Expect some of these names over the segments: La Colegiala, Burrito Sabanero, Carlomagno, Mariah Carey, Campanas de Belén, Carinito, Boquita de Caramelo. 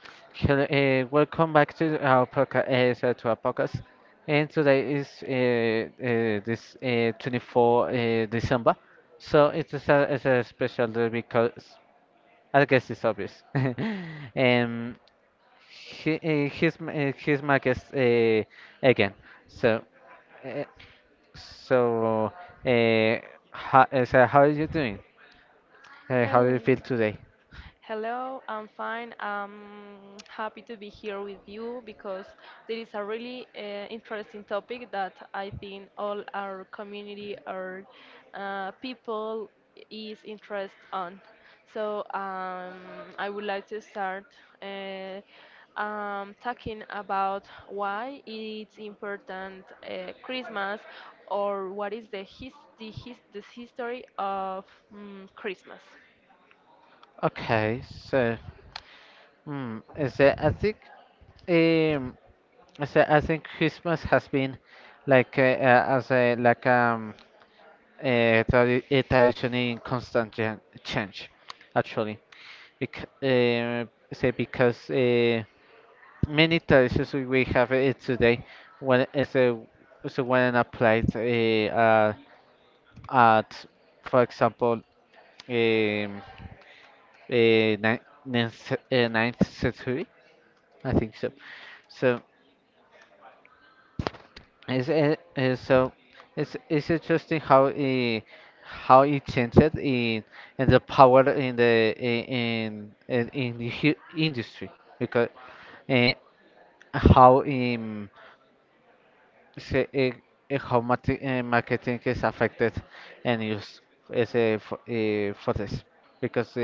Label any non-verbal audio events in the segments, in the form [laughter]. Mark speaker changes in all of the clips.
Speaker 1: Hello, welcome back to our podcast. And today is this 24th December, so it's a special day because I guess it's obvious. [laughs] um, he's my guest again. So uh, so uh, so how are you doing? How do you feel today?
Speaker 2: I'm fine. I'm happy to be here with you because there is a really interesting topic that I think all our community, our people is interest on. So um, I would like to start uh, talking about why it's important Christmas or what is the history of Christmas.
Speaker 1: Okay, so. Hmm. is that- I think um, I think Christmas has been like as a like a, tradi a tradition in constant change, actually. Bec say because Many traditions we have it today when is a when applied at for example, um, uh, ninth century, I think so. So. It's, uh, uh, so it's interesting how how it changed in and the power in the I- in the hu- industry because uh, how say, how marti- marketing is affected and used for this, because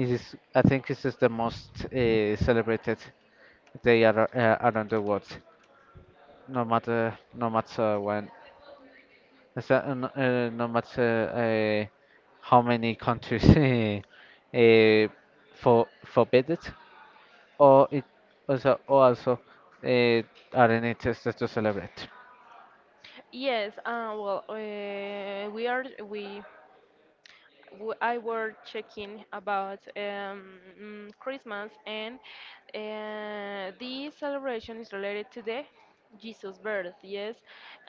Speaker 1: it is, I think, this is the most celebrated day around the world, no matter when. No matter how many countries [laughs] uh, for forbid it, or it also uh, are in it just to celebrate.
Speaker 2: Yes, well, we are we w- I were checking about Christmas, and the celebration is related to the Jesus birth, yes,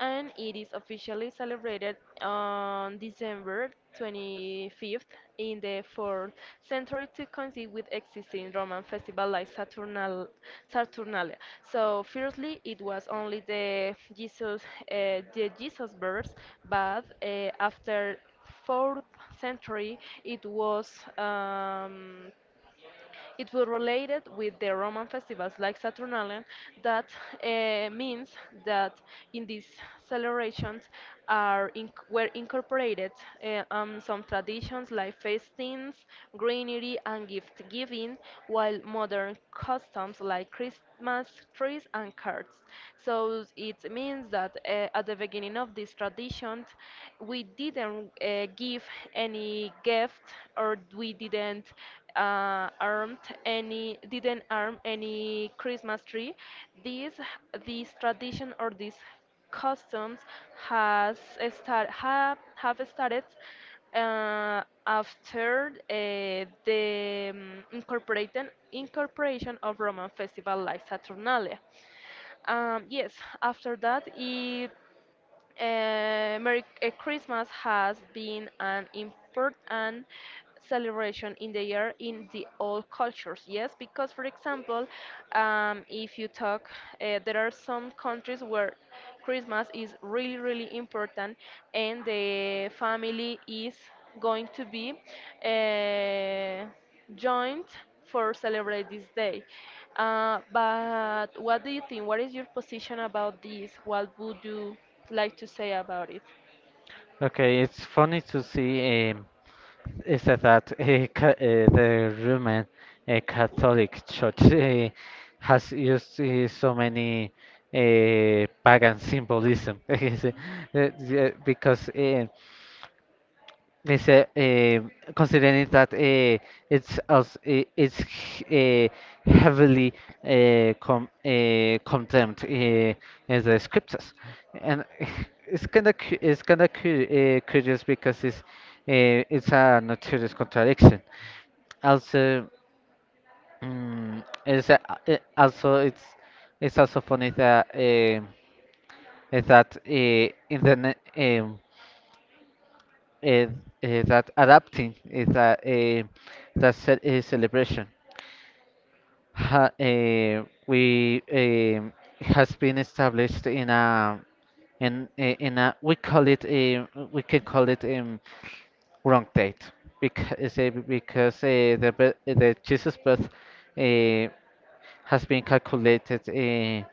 Speaker 2: and it is officially celebrated on December 25th in the 4th century to coincide with existing Roman festival like Saturnalia. So firstly, it was only the Jesus birth, but after fourth century, it was um, it was related with the Roman festivals like Saturnalia. That means that in these celebrations were incorporated some traditions like fastings, greenery, and gift giving, while modern customs like Christmas trees and cards. So it means that at the beginning of this tradition, we didn't give any gift or we didn't armed any didn't arm any Christmas tree. This this tradition or these customs has have started after the incorporated incorporation of Roman festival like Saturnalia. Yes, after that it Merry Christmas has been an important celebration in the year in the all cultures. Yes, because for example, if you talk, there are some countries where Christmas is really really important, and the family is going to be. Uh, joined for celebrate this day. But what do you think? What is your position about this? What would you like to say about it?
Speaker 1: Okay, it's funny to see is that, that ca- the Roman Catholic Church has used so many pagan symbolism. [laughs] Yeah, because uh, Mr. Um considering that it's it's uh, heavily com condemned in the scriptures, and [laughs] it's kind of cu it's kind of cu curious because it's a notorious contradiction. Also, mm, it's a, also it's also funny that is that in the um eh, eh, that adapting is that eh, that ce- eh, celebration ha, eh, we has been established in a, in a, we can call it, wrong date, because the Jesus birth eh, has been calculated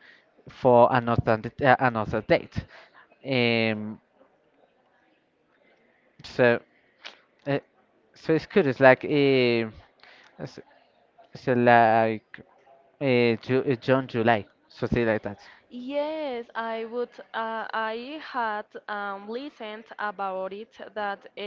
Speaker 1: for another another date. Um, so uh, so it's good. It's like, So like Ju June, July, something like that.
Speaker 2: Yes, I would. I had listened about it that uh,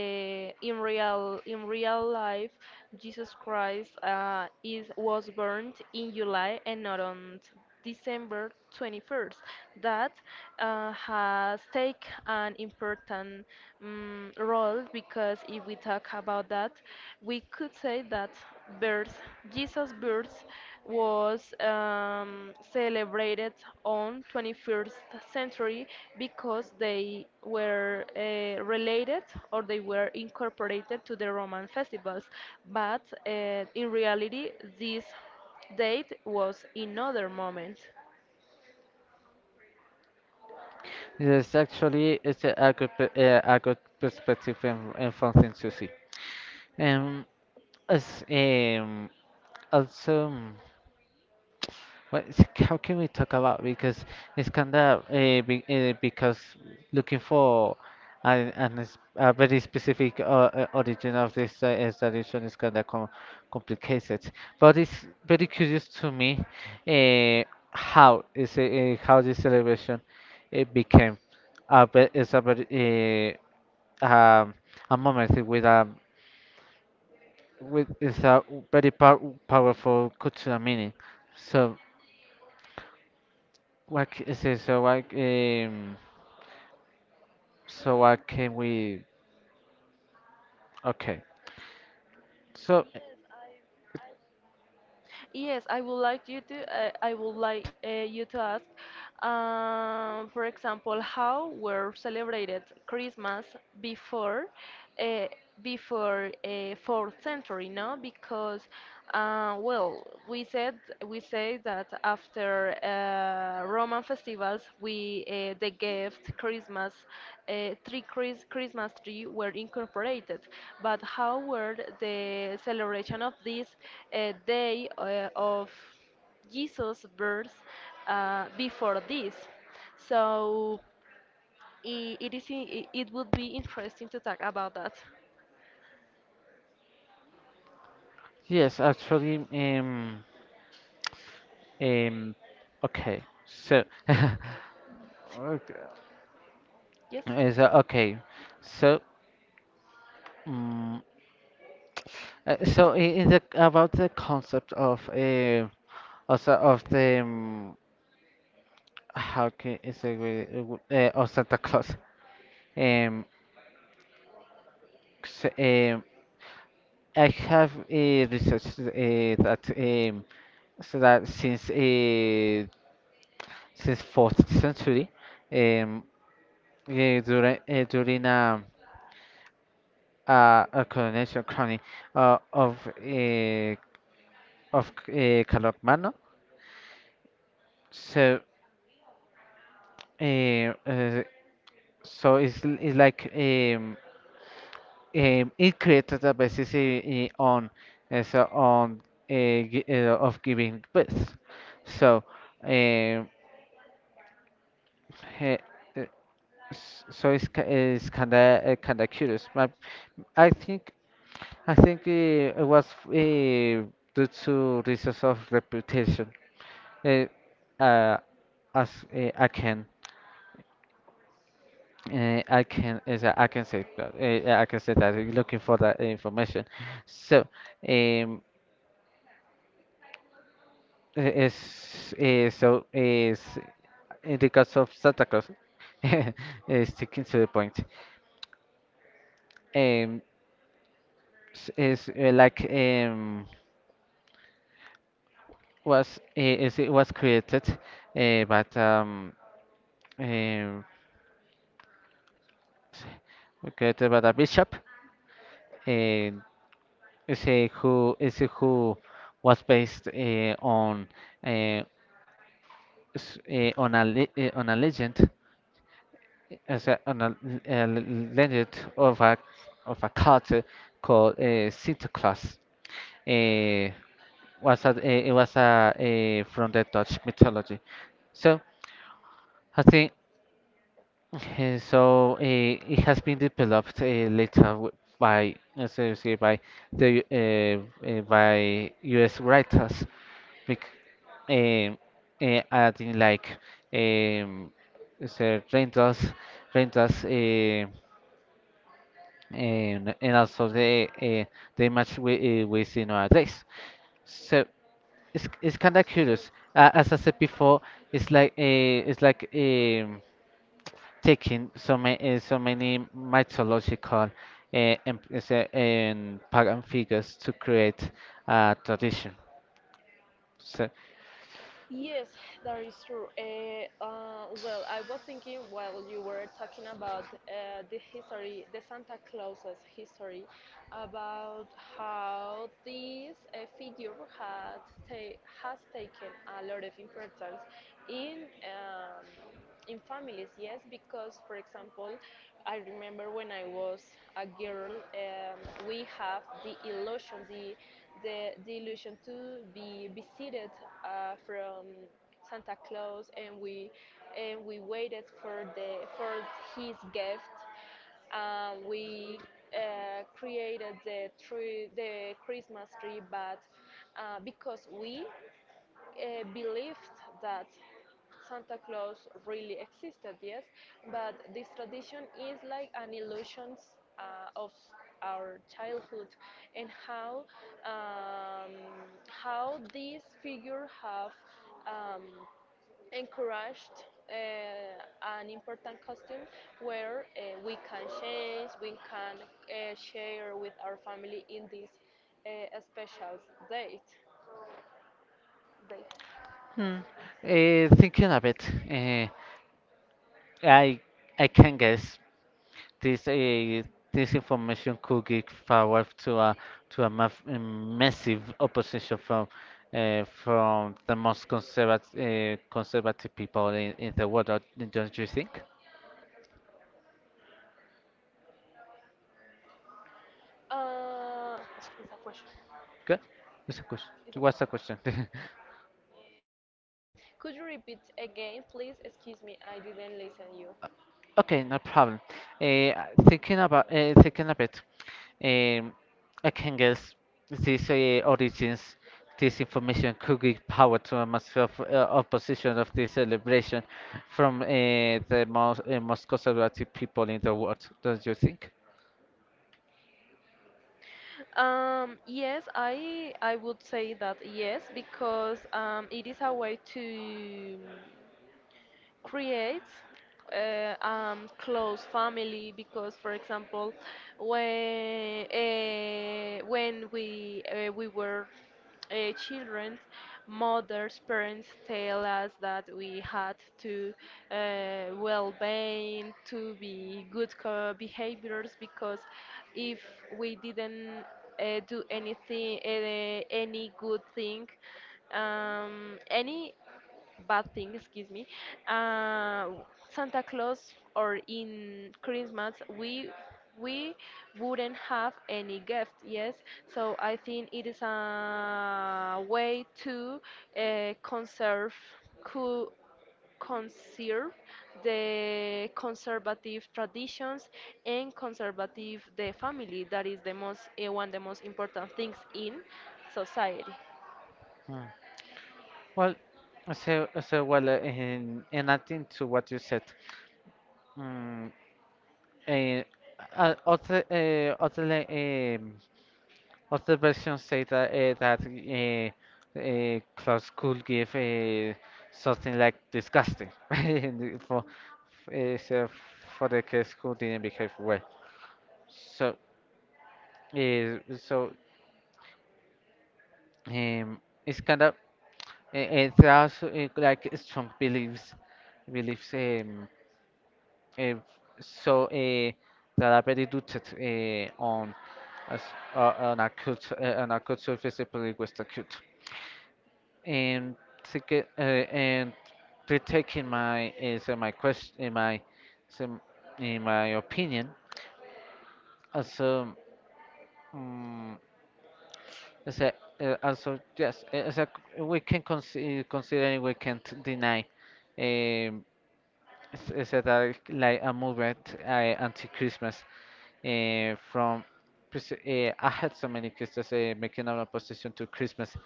Speaker 2: in real in real life, Jesus Christ is was burned in July and not December 21st. That has take an important role because if we talk about that, we could say that birth, Jesus birth was celebrated on 21st century because they were related or they were incorporated to the Roman festivals. But in reality, this date was in other moment.
Speaker 1: It's actually, it's a a good perspective, and something to see. Um, as also. What? [laughs] How can we talk about, because it's kind of because looking for a very specific origin of this is kind of complicated. But it's very curious to me uh, how this celebration became a ve- is a very uh, um, a moment with is a very powerful cultural meaning. So. What c- is it? So what? So what can we? Okay. So
Speaker 2: Yes, I would like you to. I would like you to ask, for example, how were celebrated Christmas before, uh, before fourth century, no? Because, well, we said we say that after. Roman festivals, we the gift Christmas tree Chris, Christmas tree were incorporated. But how were the celebration of this day of Jesus' birth before this? So I it is I- it would be interesting to talk about that.
Speaker 1: yes, actually, um, okay. So,
Speaker 2: Yes.
Speaker 1: [laughs] is okay. So, um, in the, about the concept of, also of the how can is it of Santa Claus? Um, s- um, I have researched that, that since fourth century, um, during, a coronation, crowning uh, of uh, of Carlomagno, so uh, uh, it's, it's like, it created a basis on, of giving birth, so. Um, eh, So it's it's kind of curious. But I think, I think it was due to reasons of reputation. Uh, uh, as uh, I can I can as I can say that I can say that, looking for that information. So um, so, is in the case of Santa Claus, [laughs] sticking to the point. Um, s- is Like, um, was eh, is it was created by um, created by the bishop, uh, is a who was based on uh, on a legend, as a, on a l- legend of a, of a cult, called Santa Claus. Uh, it was a, from the Dutch mythology. So I think, [laughs] okay, so it has been developed later, by, as I say, by the by U.S. writers, bec- um, adding like, um, rentals, rentals, uh, and also the, the image we see nowadays. So it's kind of curious. As I said before, it's like, it's like, um, taking so many, mythological and pagan figures to create a tradition. So,
Speaker 2: Yes, that is true. Well, I was thinking while you were talking about the history, the Santa Claus's history, about how this figure has taken a lot of importance in um, in families, yes, because for example, I remember when I was a girl, we have the illusion, the illusion to be visited from Santa Claus, and we waited for his gift. We created the tree, the Christmas tree, but because we believed that Santa Claus really existed, yes, but this tradition is like an illusion of our childhood and um, how this figure have um, encouraged an important costume where we can change, we can share with our family in this special date. date.
Speaker 1: hmm, thinking of it, I I can guess this eh, this information could give power to a, massive opposition from. From the most conservative, conservative people in the world. Uh, don't you think?
Speaker 2: It's a question.
Speaker 1: Okay. What's the question?
Speaker 2: It's a
Speaker 1: What's the
Speaker 2: question.
Speaker 1: question? [laughs]
Speaker 2: Could you repeat again, please? Excuse me, I didn't listen you.
Speaker 1: Okay, no problem. Eh, Thinking about, thinking a bit, um, I can guess these origins, this information could give power to a massive opposition of this celebration from the most, most conservative people in the world. Don't you think?
Speaker 2: Yes, I would say that yes because it is a way to create close family because, for example, when we were children, mothers, parents tell us that we had to well being, to be good behaviors because if we didn't do anything, any good thing, any bad thing, excuse me. Uh, Santa Claus or in Christmas, we wouldn't have any gift. Yes, so I think it is a way to uh, conserve co- conserve the conservative traditions and conservative the family that is the most eh, one the most important things in society.
Speaker 1: Mm. Well, so well, in adding to what you said, mm, uh, other, like, other versions say that, Klaus could give something like disgusting, [laughs] and uh, so for the kids who didn't behave well. So so it's kind of, it's also, like strong beliefs, beliefs um, uh, so uh, that are very rooted uh, on as, on a culture, visibly Western culture. And to take in my, is my question, in my some in my opinion, also, um, as a, also yes as a, c- we can consider, considering we can't deny, um, s- is that I like a movement, anti-Christmas, uh, from I had so many Christmas, making an opposition to Christmas,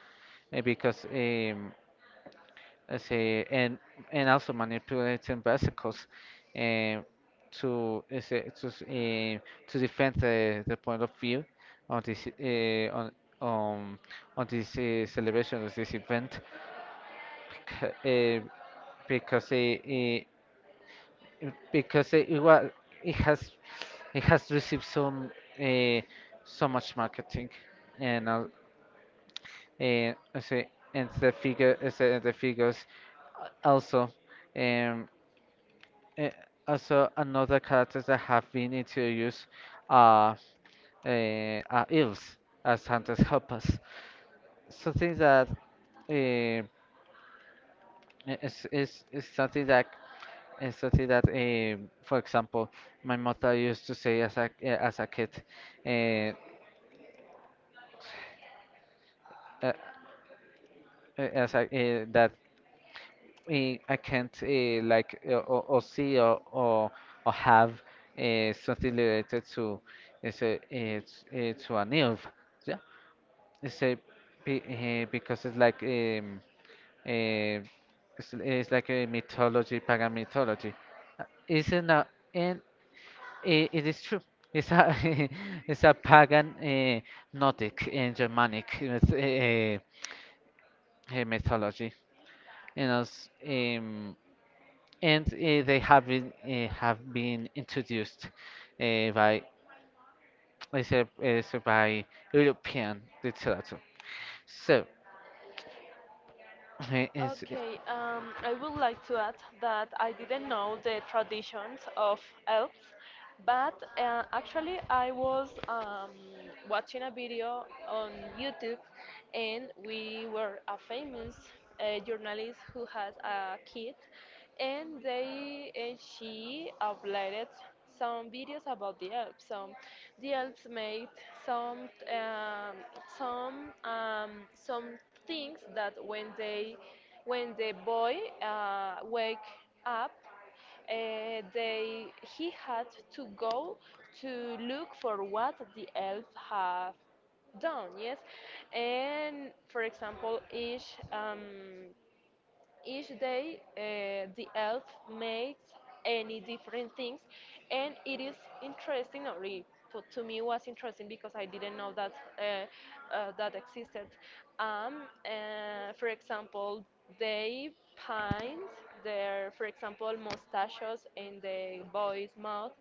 Speaker 1: because, I say, and also manipulating bicycles, um, to, I say, to s- eh, to defend the point of view on this um on this, celebration of this event, because, because it, because it was, it has it has received some uh, so much marketing and, and I say and the figures, also. Um, Uh, also, another characters that have been introduced are, uh, are elves as Santa's helpers. Something that, uh, is something that, is something that, um, for example, my mother used to say as a, as a kid, uh, uh, that I can't, like or see or have something related to an elf. So, Say because it's like, eh, it's like a mythology, pagan mythology. It's not, and it is true. It's a, [laughs] it's a pagan, Nordic and Germanic, mythology. You know, they have have been introduced by [tsk] I say, eh, so by European literature. So, [clears throat] [laughs] it's,
Speaker 2: Okay, I would like to add that I didn't know the traditions of elves, but actually I was watching a video on YouTube, and we were a famous journalist who has a kid, and she uploaded some videos about the elves. So the elves made some um, some things that when the boy wake up, they he had to go to look for what the elf have done. Yes, and for example, each day, the elf makes any different things, and it is interesting. Or it, for, to me, was interesting because I didn't know that that existed. For example, they paint their, for example, mustaches in the boy's mouth,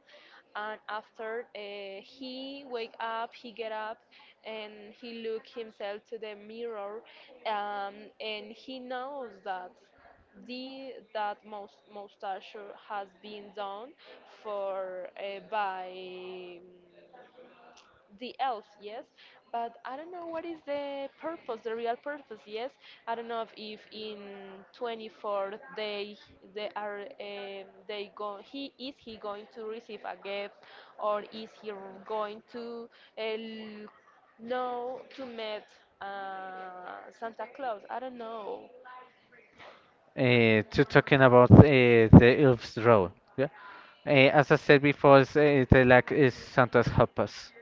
Speaker 2: and after he get up and he look himself to the mirror, um, and he knows that the that most mustache has been done for by the elves, yes, but I don't know what is the purpose, the real purpose, yes. I don't know if in 24 they are they go he is he going to receive a gift or is he going to uh, l- know to meet Santa Claus? I don't know.
Speaker 1: to talking about the elves' role. Yeah, uh, as I said before, it's, the lack is Santa's help us.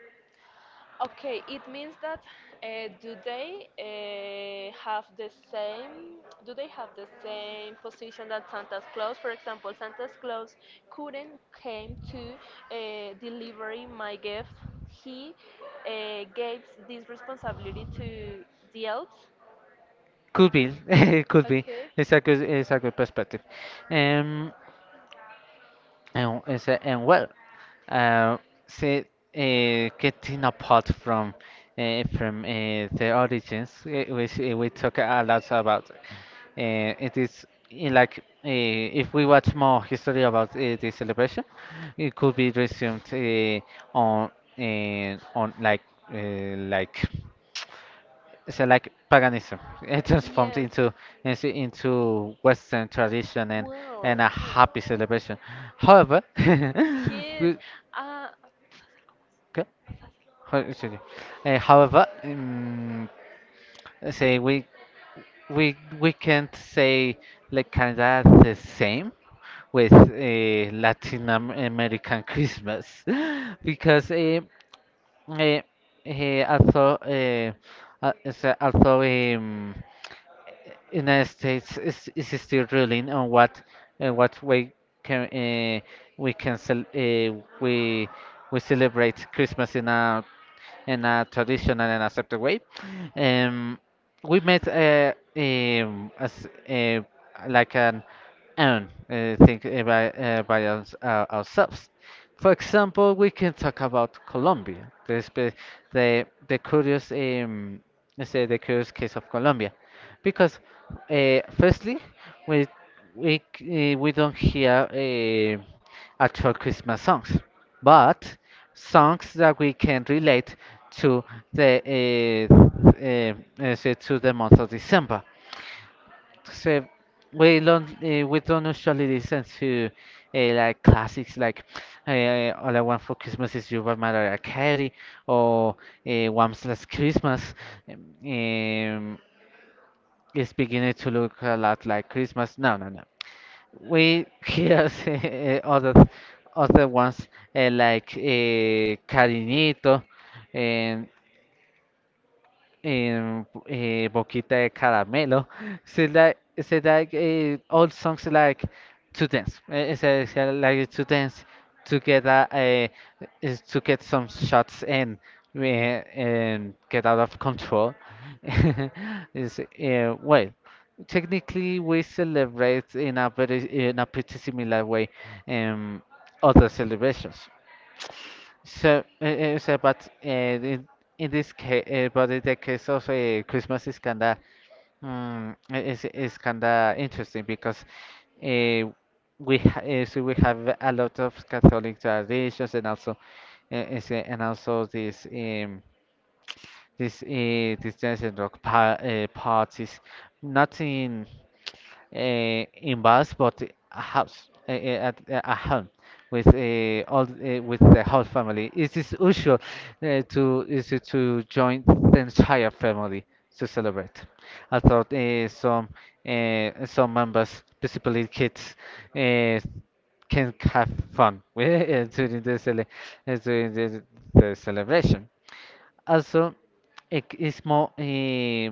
Speaker 2: Okay, it means that do they have the same do they have the same position that Santa Claus? For example, Santa Claus couldn't came to delivering my gift. He gave this responsibility to the elves.
Speaker 1: Could be, [laughs] it could be.
Speaker 2: Okay.
Speaker 1: It's a good perspective. Um, and, and well. Uh, Getting apart from, the origins, which, we talk a lot about. It is, like, if we watch more history about, the celebration, it could be resumed, on on like so like paganism [laughs] it transformed
Speaker 2: Yes.
Speaker 1: into western tradition
Speaker 2: Wow.
Speaker 1: and a
Speaker 2: Hmm.
Speaker 1: happy celebration, however. [laughs]
Speaker 2: He
Speaker 1: we-
Speaker 2: Uh,
Speaker 1: Okay. Ho- so, yeah. However, say we can't say like Canada the same with, Latin American Christmas, [laughs] because, uh, uh, although uh, although, United States is still ruling on what, what way can, we can cel- uh, we we celebrate Christmas in a, in a traditional and accepted way. Um, we met uh, um, as, uh, like an own, think, by ours, our ourselves. For example, we can talk about Colombia, the curious, let's say the curious case of Colombia, because, firstly, we we don't hear, actual Christmas songs, but songs that we can relate to the let's say to the month of December. So we don't usually listen to like classics like All I Want for Christmas Is You by Mariah Carey or Once Last Christmas. Um, um, it's beginning to look a lot like Christmas. No, no, no. We hear [laughs] other ones like Carinito and Boquita de Caramelo. So like, all songs like to dance. So like to dance to get a, eh, is to get some shots in and get out of control. [laughs] Is well, technically we celebrate in a very in a pretty similar way um, other celebrations. So in this case, but in the case of Christmas is kinda, mm, I- is kinda interesting because uh, we ha so we have a lot of Catholic traditions, and also and also this dance and rock pa parties, not in in bars, but a house at a home with all with the whole family. It is usual to is it to join the entire family to celebrate. Although some members, principally kids, uh, can have fun [laughs] during the celebration. Also, it is more eh,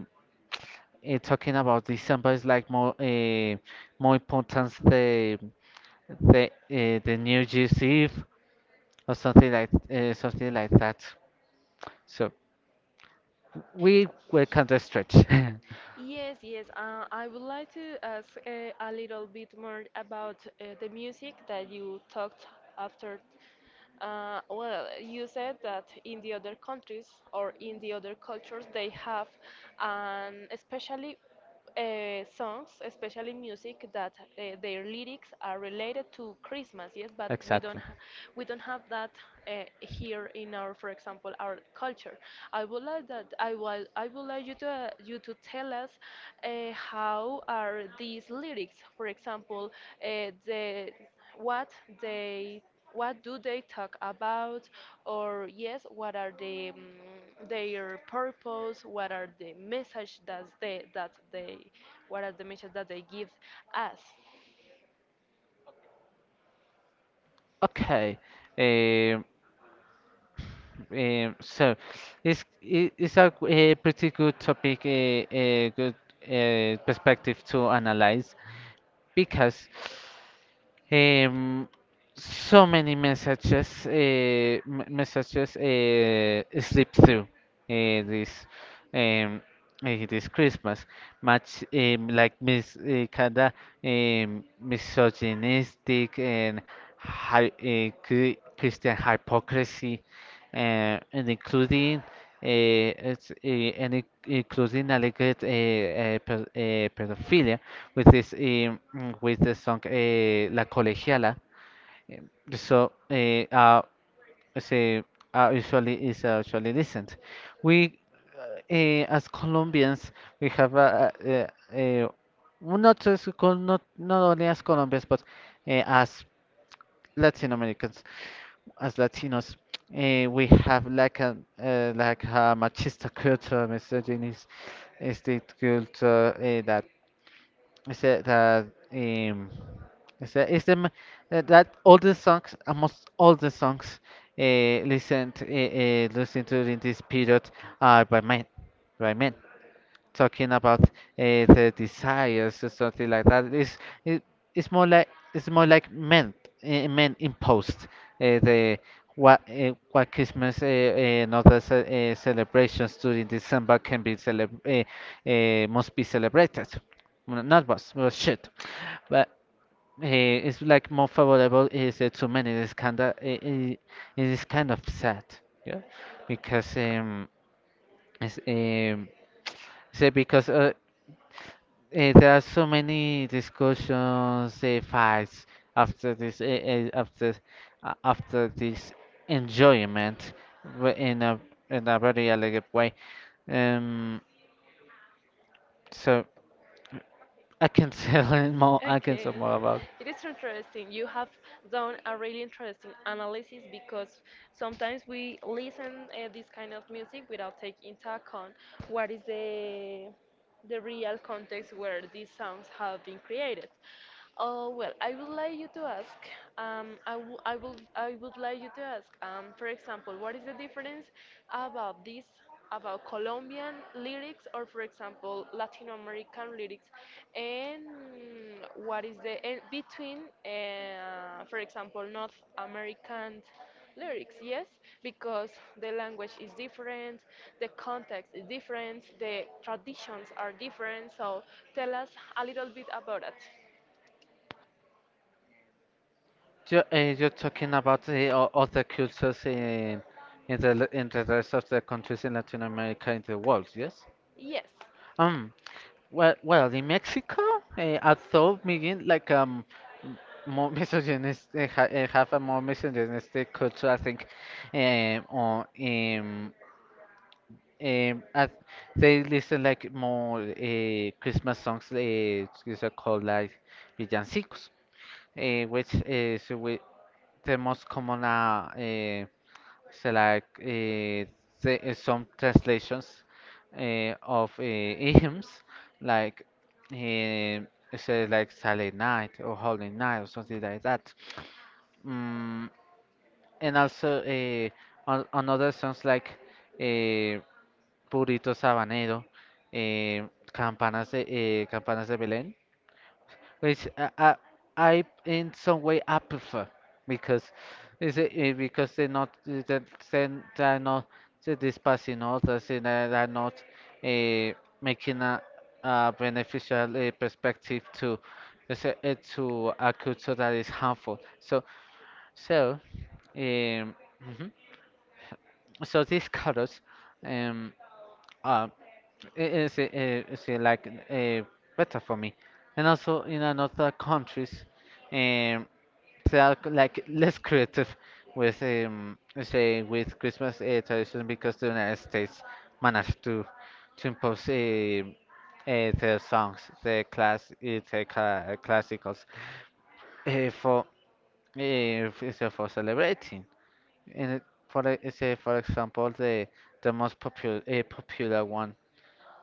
Speaker 1: eh, talking about December is like more important, the New Year's Eve or something like that. So we were kind of stretch.
Speaker 2: yes, yes. I would like to ask a little bit more about the music that you talked after. Well, you said that in the other countries or in the other cultures they have, and especially songs, especially music that their lyrics are related to Christmas. Yes,
Speaker 1: [laughs]
Speaker 2: but
Speaker 1: Exactly.
Speaker 2: we don't have that here in our, for example, our culture. I would like you to you to tell us how are these lyrics, for example, the what they what do they talk about or yes what are the their purpose what are the message that they give us.
Speaker 1: Okay. Um, so it's a pretty good topic, a good perspective to analyze, because Um, so many messages, messages slip through uh, this um, this Christmas. Much like Miss Kada, misogynistic and Christian hypocrisy, and including. Including alleged pedophilia, with with the song La Colegiala. Um, So uh, say Usually is usually listened. We As Colombians, we have a well, not only as Colombians, but as Latin Americans, as Latinos. We have like a machista culture, misogynist state culture, that um is that is the that, that all the songs, almost all the songs listened to in this period, are by men, by men talking about the desires or something like that. It, it's more like it's more like men imposed the what Christmas and other celebrations during December can be celeb must be celebrated. Well, not was well should, but it's like more favorable is to many. It's kind of it is kind of sad, yeah, because it's. Say because Eh, there are so many discussions, fights after this, after this enjoyment, in a very elegant way. Um, so I can [laughs] tell more. I can
Speaker 2: Okay,
Speaker 1: tell more about.
Speaker 2: it is so interesting. You have done a really interesting analysis because sometimes we listen this kind of music without taking into account what is the real context where these songs have been created. Oh well, I would like you to ask. I, w- I will I would like you to ask. For example, what is the difference about this about Colombian lyrics or, for example, Latin American lyrics, and what is the and between, for example, North American lyrics, yes, because the language is different, the context is different, the traditions are different, so tell us a little bit about it.
Speaker 1: You're, you're talking about the other cultures in in the rest of the countries in Latin America, in the world, yes?
Speaker 2: yes
Speaker 1: Um, well, in Mexico, although being like m- more [laughs] misogynistic, ha have a more misogynistic culture, I think, or as they listen like more Christmas songs. These are called like villancicos, which is the most common, so like uh, some translations of hymns, [laughs] like uh, say, like Silent Night or Holy Night or something like that. Mm, and also another songs like uh, Burrito Sabanero, Campanas de Belén, which I in some way I prefer, because because they're not eh, that then they're not dispassing others, and they're not uh, making a beneficial perspective to, let's say, to a culture that is harmful. So, mhm, so these colors um are I- is eh, eh, is eh, like better for me, and also in another countries. Um, so are like less creative with say with Christmas tradition, because the United States managed to impose their songs, the classicals, for f- so for celebrating. And it- for e- say For example, the most popular, popular one,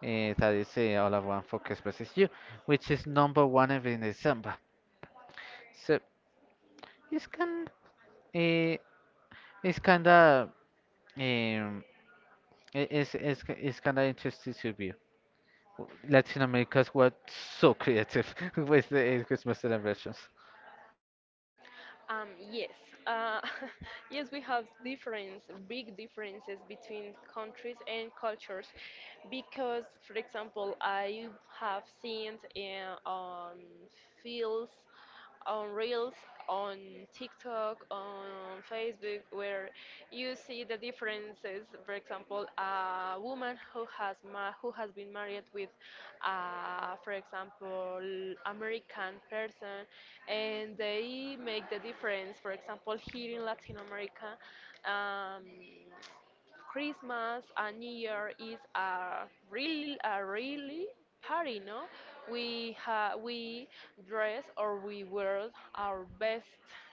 Speaker 1: that is all I want for Christmas is you, which is number one every December. So it's kind uh, it's kinda Um, it's kind of interesting to view. Latin Americans were so creative [laughs] with the Christmas celebrations.
Speaker 2: um yes uh, [laughs] yes we have difference big differences between countries and cultures because for example I have seen on fields on reels on TikTok on Facebook where you see the differences. For example, a woman who who has been married with, for example, American person, and they make the difference. For example, here in Latin America, um, Christmas and New Year is a really party, no? We dress or we wear our best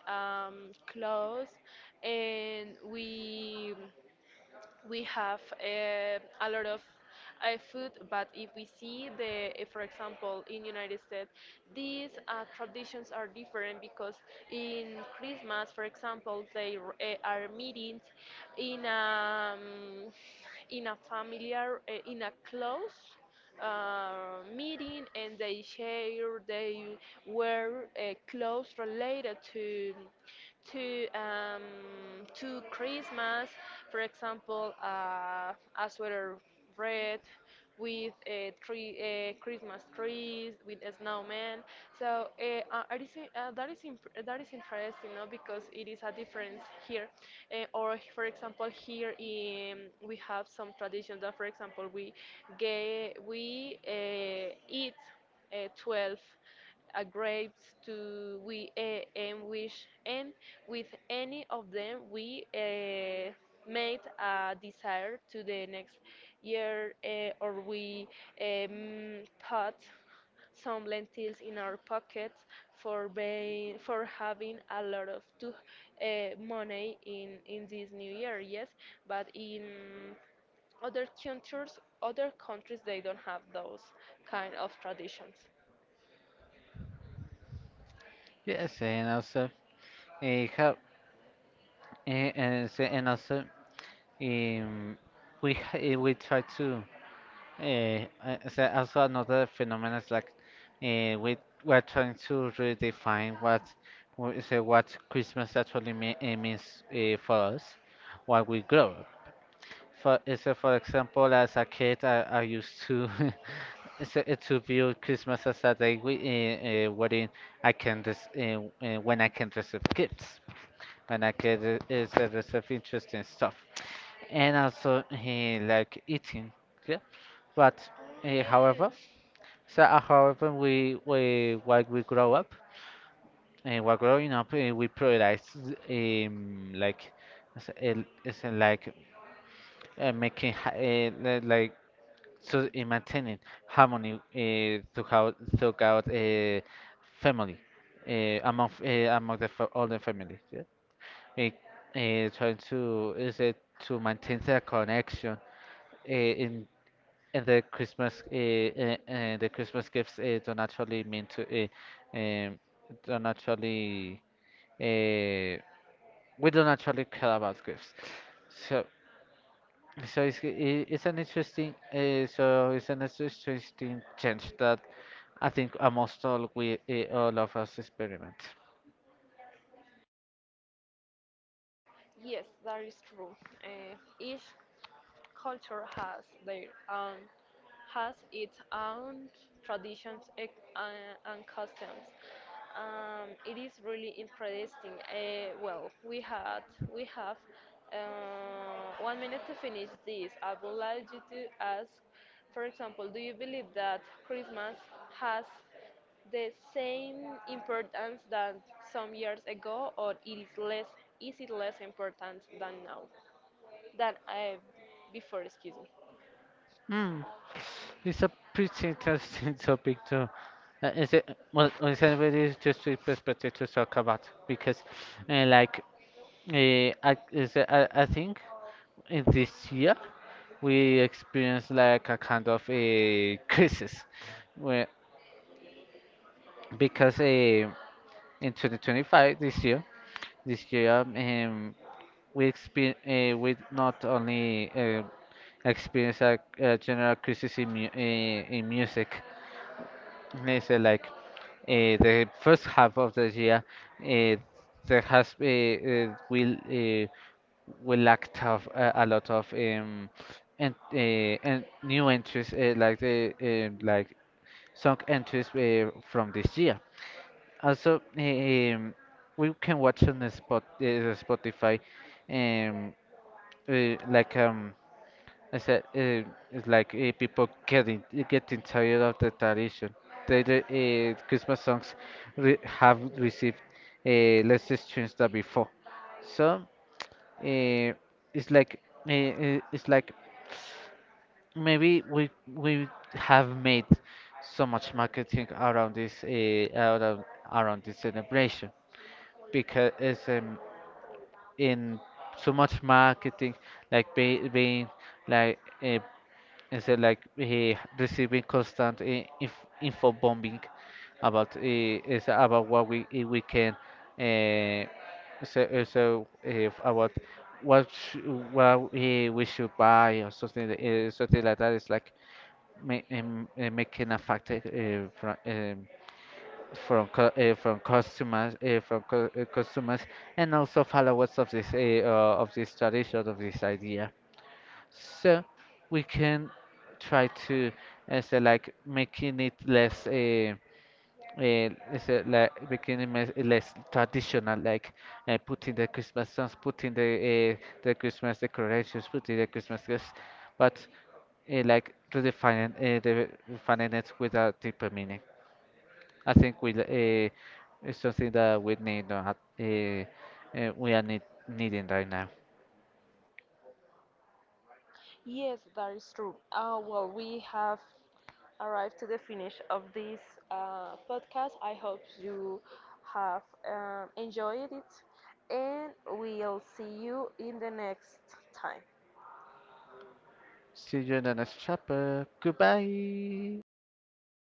Speaker 2: clothes, and we have a lot of food. But if we see the for example in United States, these traditions are different because in Christmas, for example, are meetings in um, in a familiar in a close meeting, and they share, they wear clothes related to to um, to Christmas, for example, a sweater red with a tree, a Christmas trees, with a snowman. So that is interesting, no? Because it is a difference here, or for example, here in, we have some traditions that, for example, we ge- we eat 12 grapes to we and wish, and with any of them, we made a desire to the next year, or we put some lentils in our pockets for being, for having a lot of money in this new year. Yes, but in other cultures, other countries, they don't have those kind of traditions.
Speaker 1: Yes, and also how eh, and so- and also um, we try to, uh, so also another phenomenon is like uh, we we're trying to redefine what Christmas actually means for us while we grow up. For is it For example, as a kid, I used to [laughs] is it- it to view Christmas as a day, wherein when I can receive gifts, when I can re- is, receive interesting stuff, and also like eating, yeah. But
Speaker 2: Oh
Speaker 1: uh, however,
Speaker 2: yes.
Speaker 1: however, we while we grow up, while growing up, we prioritize, like, is it like like in maintaining harmony, to how took out family uh, among f- among the fa- all the family. Yeah? We trying to, is it to maintain the connection, in and the Christmas, the Christmas gifts don't actually mean to, don't actually, uh, we don't actually care about gifts. So. So it's I- it's an interesting so it's an interesting change that I think almost all we all of us experiment.
Speaker 2: Yes, that is true. Each culture has its own traditions and customs. It is really interesting. Well, we have 1 minute to finish this. I would like you to ask, for example, do you believe that Christmas has the same importance than some years ago, or it is less? Is it less important than now? Than I before, excuse me.
Speaker 1: Mm. It's a pretty interesting [laughs] topic too. Is it Well? Is anybody interesting perspective to talk about? Because uh, like I think in this year we experienced like a kind of a [laughs] crisis, where, because in 2025, this year, this year um, we expe we not only experience a general crisis in, mu in music. Let's say like the first half of the year, uh, there has will we lacked of a lot of, and new entries, like song entries, from this year. Also, we can watch on the spot, Spotify, um, uh, like um, I said, it's like people getting tired of the tradition. The Christmas songs re have received less streams than before, so uh, it's like it's like maybe we have made so much marketing around this, around this celebration, because it's, in so much marketing, like, being like is it like receiving constant, info bombing about, is about what we can, uh, about what, sh what we should buy or something, something like that. It's like ma making a factor, from customers, customers, and also followers of this, of this tradition, of this idea, so we can try to, say, like making it less, uh, say like making it mes- less traditional, like putting the Christmas songs, putting the, the Christmas decorations, putting the Christmas gifts, but like redefining, redefining it with a deeper meaning. I think we it's something that we need to, uh, we are needing right now.
Speaker 2: Yes, that is true. Well, we have arrived to the finish of this podcast. I hope you have enjoyed it, and we'll see you in the next time.
Speaker 1: See you in the next chapter. Goodbye.